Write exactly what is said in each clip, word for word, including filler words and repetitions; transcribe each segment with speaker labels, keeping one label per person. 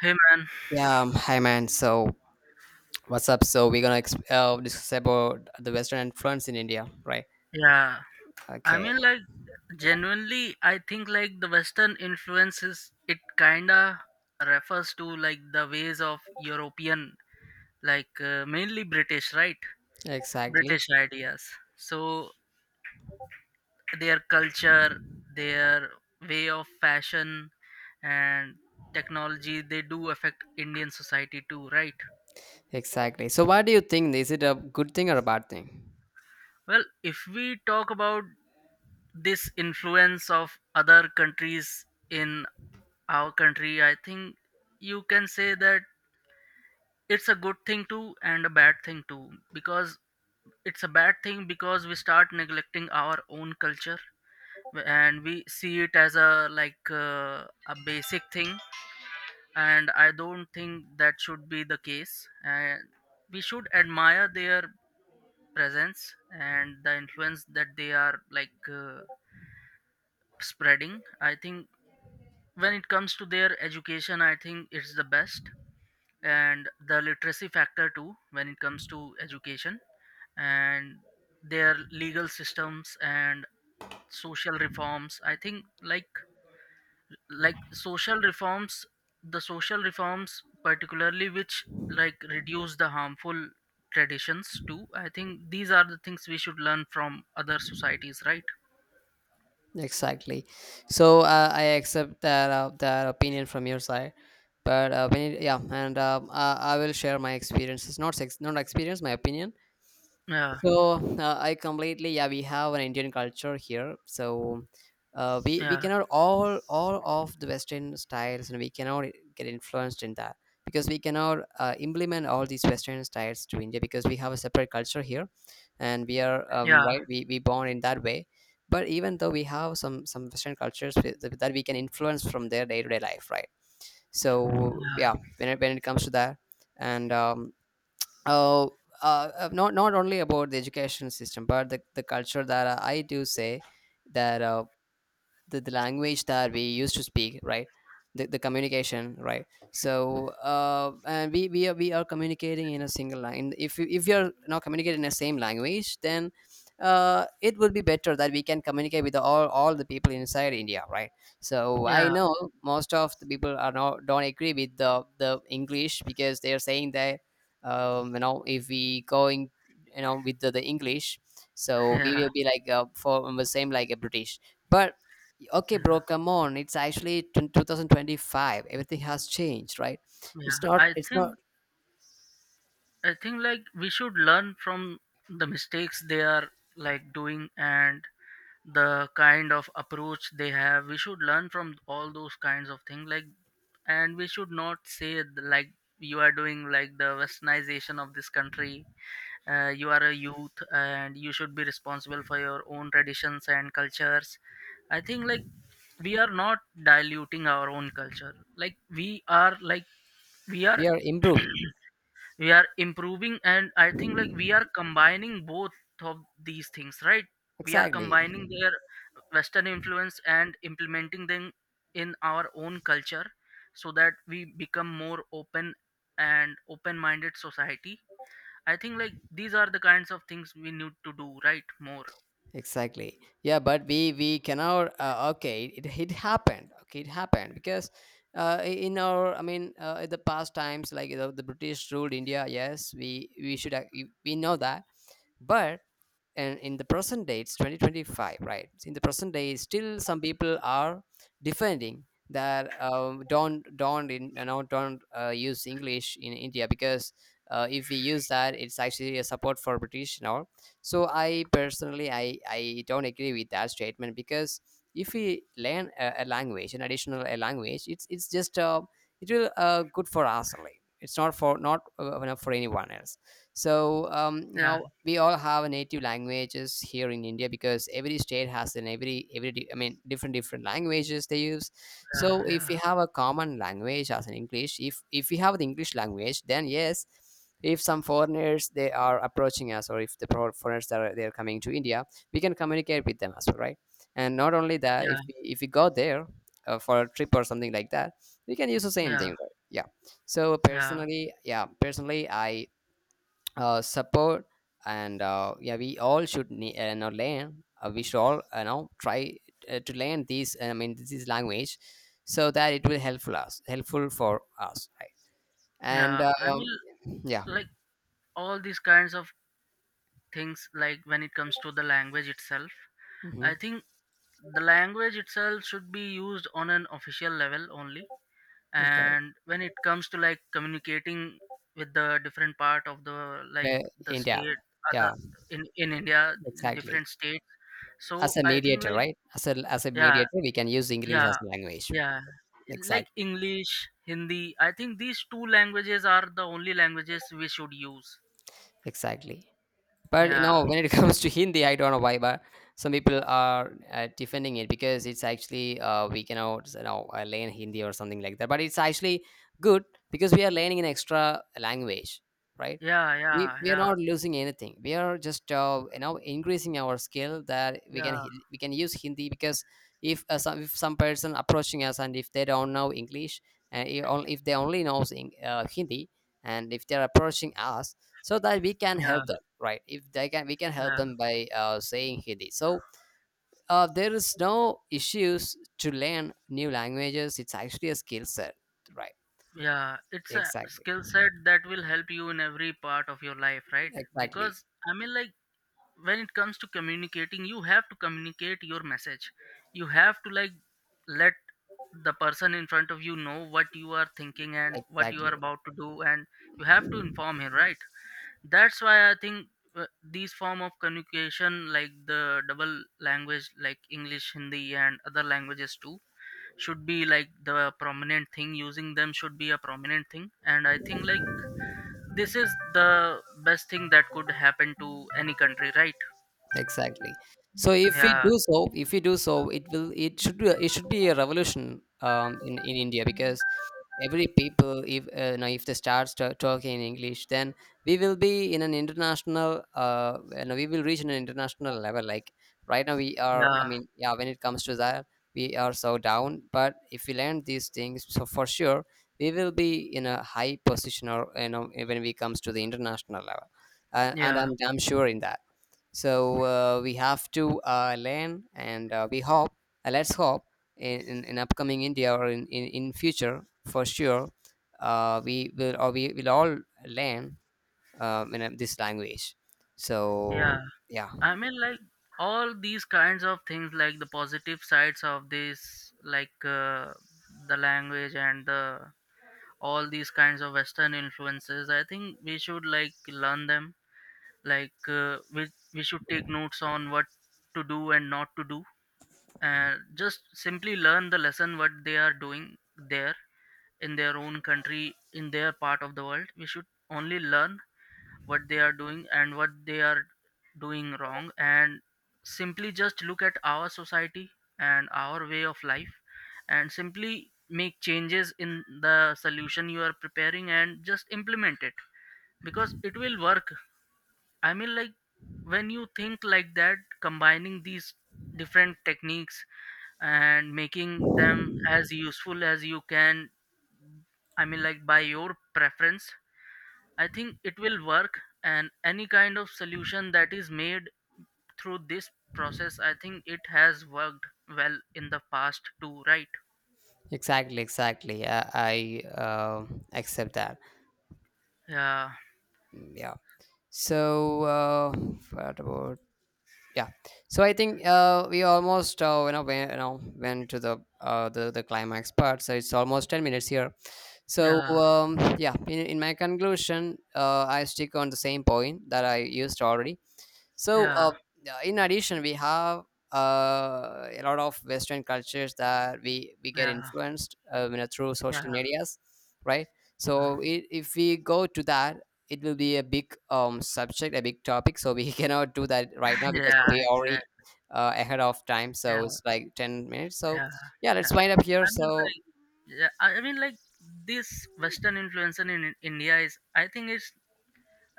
Speaker 1: Hey man,
Speaker 2: Yeah, um, Hi man. So what's up? So we're gonna ex- uh, discuss about the Western influence in India, right?
Speaker 1: yeah. I
Speaker 2: Okay,
Speaker 1: mean, like, genuinely, I think like the Western influences it kinda refers to like the ways of European, like uh, mainly British, right?
Speaker 2: exactly,
Speaker 1: British ideas. So their culture, their way of fashion, and technology, they do affect Indian society too, right?
Speaker 2: exactly. So what do you think? Is it a good thing or a bad thing?
Speaker 1: Well, if we talk about this influence of other countries in our country, I think you can say that it's a good thing too and a bad thing too, because it's a bad thing because we start neglecting our own culture and we see it as a like uh, a basic thing, and I don't think that should be the case. And we should admire their presence and the influence that they are like uh, spreading. I think when it comes to their education, I think it's the best, and the literacy factor too when it comes to education, and their legal systems and social reforms. I think like like social reforms, the social reforms particularly which like reduce the harmful traditions too, I think these are the things we should learn from other societies, right?
Speaker 2: Exactly. So uh, I accept that uh, that opinion from your side, but uh, when it, yeah, and um, uh, I will share my experiences. Not sex, not experience, my opinion.
Speaker 1: Yeah,
Speaker 2: So uh, I completely, yeah, we have an Indian culture here, so uh, we we
Speaker 1: yeah,
Speaker 2: cannot, all all of the Western styles, and we cannot get influenced in that, because we cannot uh, implement all these Western styles to India because we have a separate culture here, and we are um,
Speaker 1: yeah,
Speaker 2: right, we we born in that way. But even though we have some some Western cultures with- that that we can influence from their day to day life, right? So
Speaker 1: yeah,
Speaker 2: yeah, when it, when it comes to that. And um, uh, uh, not not only about the education system, but the, the culture that I do say, that uh, the, the language that we used to speak, right? The, the communication, right? So uh, and we we are, we are communicating in a single line. If you if you're not communicating in the same language, then uh, it would be better that we can communicate with all all the people inside India, right? So I
Speaker 1: yeah,
Speaker 2: know most of the people are not don't agree with the the English because they're saying that, um, you know if we going, you know with the, the English, so we
Speaker 1: yeah,
Speaker 2: will be like uh, for the same, like a British. But okay bro,
Speaker 1: yeah,
Speaker 2: come on, it's actually t- twenty twenty-five. Everything has changed, right? it's
Speaker 1: yeah.
Speaker 2: not
Speaker 1: i
Speaker 2: it's not.
Speaker 1: think I think like we should learn from the mistakes they are like doing, and the kind of approach they have. We should learn from all those kinds of things. Like and we should not say, like, "You are doing like the westernization of this country. Uh, you are a youth and you should be responsible for your own traditions and cultures." I think like we are not diluting our own culture. Like we are like we are,
Speaker 2: We are improving.
Speaker 1: we are improving, and I think like we are combining both of these things, right? We are
Speaker 2: exactly
Speaker 1: combining their Western influence and implementing them in our own culture, so that we become more open and open minded society. I think like these are the kinds of things we need to do, right? More,
Speaker 2: exactly. Yeah, but we we cannot uh, okay, it, it happened. Okay it happened because uh, I- in our I mean uh, in the past times, like, you know, the British ruled India. Yes, we we should ac- we we know that. But, and in the present day it's twenty twenty-five, right? In the present day, still some people are defending that, um, don't don't in, you know don't uh, use English in India because uh, if we use that, it's actually a support for British and all. So I personally, i i don't agree with that statement, because if we learn a, a language, an additional a language, it's it's just uh, it will uh, good for us only. It's not for not uh, for anyone else. So, um, you
Speaker 1: yeah,
Speaker 2: know, we all have a native languages here in India, because every state has an every every di- I mean different different languages they use.
Speaker 1: yeah,
Speaker 2: So, if we
Speaker 1: yeah,
Speaker 2: have a common language as an English, if if we have the English language, then yes, if some foreigners they are approaching us, or if the pro- foreigners that are they are coming to India, we can communicate with them as well, right? And not only that,
Speaker 1: yeah,
Speaker 2: if we, if we go there uh, for a trip or something like that, we can use the same
Speaker 1: yeah,
Speaker 2: thing, right? Yeah. So
Speaker 1: yeah,
Speaker 2: personally, yeah, personally, I uh, support. And uh, yeah, we all should ne- uh, know learn, uh, we should all you know try uh, to learn these, I mean, this is language, so that it will helpful us, helpful for us, right? And
Speaker 1: yeah. I mean,
Speaker 2: um, yeah.
Speaker 1: like all these kinds of things, like when it comes to the language itself,
Speaker 2: Hmm.
Speaker 1: I think the language itself should be used on an official level only.
Speaker 2: Okay.
Speaker 1: And when it comes to like communicating with the different part of the like
Speaker 2: Uh,
Speaker 1: the
Speaker 2: India.
Speaker 1: state, other,
Speaker 2: Yeah,
Speaker 1: in in India, in
Speaker 2: exactly.
Speaker 1: different states, so
Speaker 2: As a
Speaker 1: I think
Speaker 2: mediator,
Speaker 1: like
Speaker 2: right? As a as a
Speaker 1: yeah,
Speaker 2: mediator we can use English
Speaker 1: yeah,
Speaker 2: as a language.
Speaker 1: yeah. Like
Speaker 2: Exact,
Speaker 1: english, Hindi, I think these two languages are the only languages we should use.
Speaker 2: exactly. But you
Speaker 1: Yeah,
Speaker 2: know, when it comes to Hindi, I don't know why, but some people are uh, defending it, because it's actually uh, we cannot, you know, uh, learn Hindi or something like that. But it's actually good because we are learning an extra language, right?
Speaker 1: yeah,
Speaker 2: We,
Speaker 1: yeah,
Speaker 2: we are
Speaker 1: yeah,
Speaker 2: not losing anything. We are just uh, you know, increasing our skill, that we can
Speaker 1: yeah,
Speaker 2: hi- we can use Hindi, because if uh, some if some person approaching us, and if they don't know English, and if on- if they only knows in, uh, Hindi, and if they are approaching us, so that we can
Speaker 1: yeah,
Speaker 2: help them, right? If they can, we can help
Speaker 1: yeah,
Speaker 2: them by uh, saying Hindi. So uh, there is no issues to learn new languages, it's actually a skill set, right?
Speaker 1: yeah. It's a
Speaker 2: exactly
Speaker 1: skill set that will help you in every part of your life, right?
Speaker 2: exactly
Speaker 1: Because I mean, like when it comes to communicating, you have to communicate your message. You have to like let the person in front of you know what you are thinking and what you are
Speaker 2: exactly
Speaker 1: about to do, and you have to inform him, right? That's why I think uh, these form of communication, like the double language, like English, Hindi, and other languages too, should be like the prominent thing. Using them should be a prominent thing, and I think like this is the best thing that could happen to any country, right?
Speaker 2: exactly. So if we
Speaker 1: Yeah,
Speaker 2: do so if we do so, it will, it should be a- it should be a revolution um in in India, because every people, if uh, you know, if they start sta- talking in English, then we will be in an international, uh you know, we will reach an international level. Like right now, we are,
Speaker 1: yeah,
Speaker 2: I mean, yeah, when it comes to that, we are so down. But if we learn these things, so for sure we will be in a high position, or, you know, when it comes to the international level. Uh, and
Speaker 1: yeah,
Speaker 2: I'm damn sure in that. So uh, we have to uh, learn, and uh, we hope, uh, let's hope in, in, in upcoming India or in, in, in future for sure, uh, we will, or we will all learn um, in, uh, this language.
Speaker 1: yeah.
Speaker 2: So yeah.
Speaker 1: I mean, like all these kinds of things, like the positive sides of this, like uh, the language and the, all these kinds of Western influences, I think we should like learn them. Like uh, we we should take notes on what to do and not to do, and just simply learn the lesson what they are doing there in their own country, in their part of the world. We should only learn what they are doing and what they are doing wrong, and simply just look at our society and our way of life, and simply make changes in the solution you are preparing and just implement it, because it will work. I mean, like when you think like that, combining these different techniques and making them as useful as you can, I mean, like by your preference, I think it will work. And any kind of solution that is made through this process, I think it has worked well in the past too, right?
Speaker 2: exactly exactly i, I uh, accept that.
Speaker 1: Yeah,
Speaker 2: Mm, yeah. So uh, what about, yeah, so I think uh, we almost uh, you know went, you know went to the uh, the the climax part. So it's almost ten minutes here. So
Speaker 1: yeah,
Speaker 2: um, yeah, in, in my conclusion, uh, I stick on the same point that I used already. So
Speaker 1: yeah,
Speaker 2: uh, yeah, in addition, we have uh, a lot of Western cultures that we we get
Speaker 1: yeah,
Speaker 2: influenced, uh, you know, through
Speaker 1: yeah,
Speaker 2: social medias, right?
Speaker 1: yeah,
Speaker 2: So I if we go to that, it will be a big um, subject, a big topic. So we cannot do that right now because
Speaker 1: yeah,
Speaker 2: we already
Speaker 1: exactly.
Speaker 2: uh, ahead of time.
Speaker 1: Yeah.
Speaker 2: So it's like ten minutes. So
Speaker 1: Yeah,
Speaker 2: yeah, let's
Speaker 1: yeah.
Speaker 2: wind up here.
Speaker 1: I mean,
Speaker 2: So
Speaker 1: like, yeah, I I mean, like this Western influence in in India is, I think it's,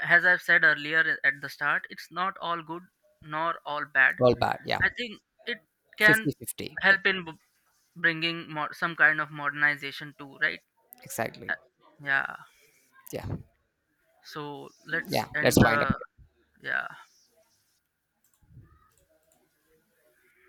Speaker 1: as I've said earlier at the start, it's not all good nor all bad.
Speaker 2: all bad. Yeah,
Speaker 1: I think it can
Speaker 2: fifty fifty.
Speaker 1: help in b- bringing more, some kind of modernization too, right? Uh,
Speaker 2: Exactly.
Speaker 1: Yeah.
Speaker 2: Yeah.
Speaker 1: So let's
Speaker 2: Yeah.
Speaker 1: end
Speaker 2: Let's wind
Speaker 1: the,
Speaker 2: up.
Speaker 1: yeah.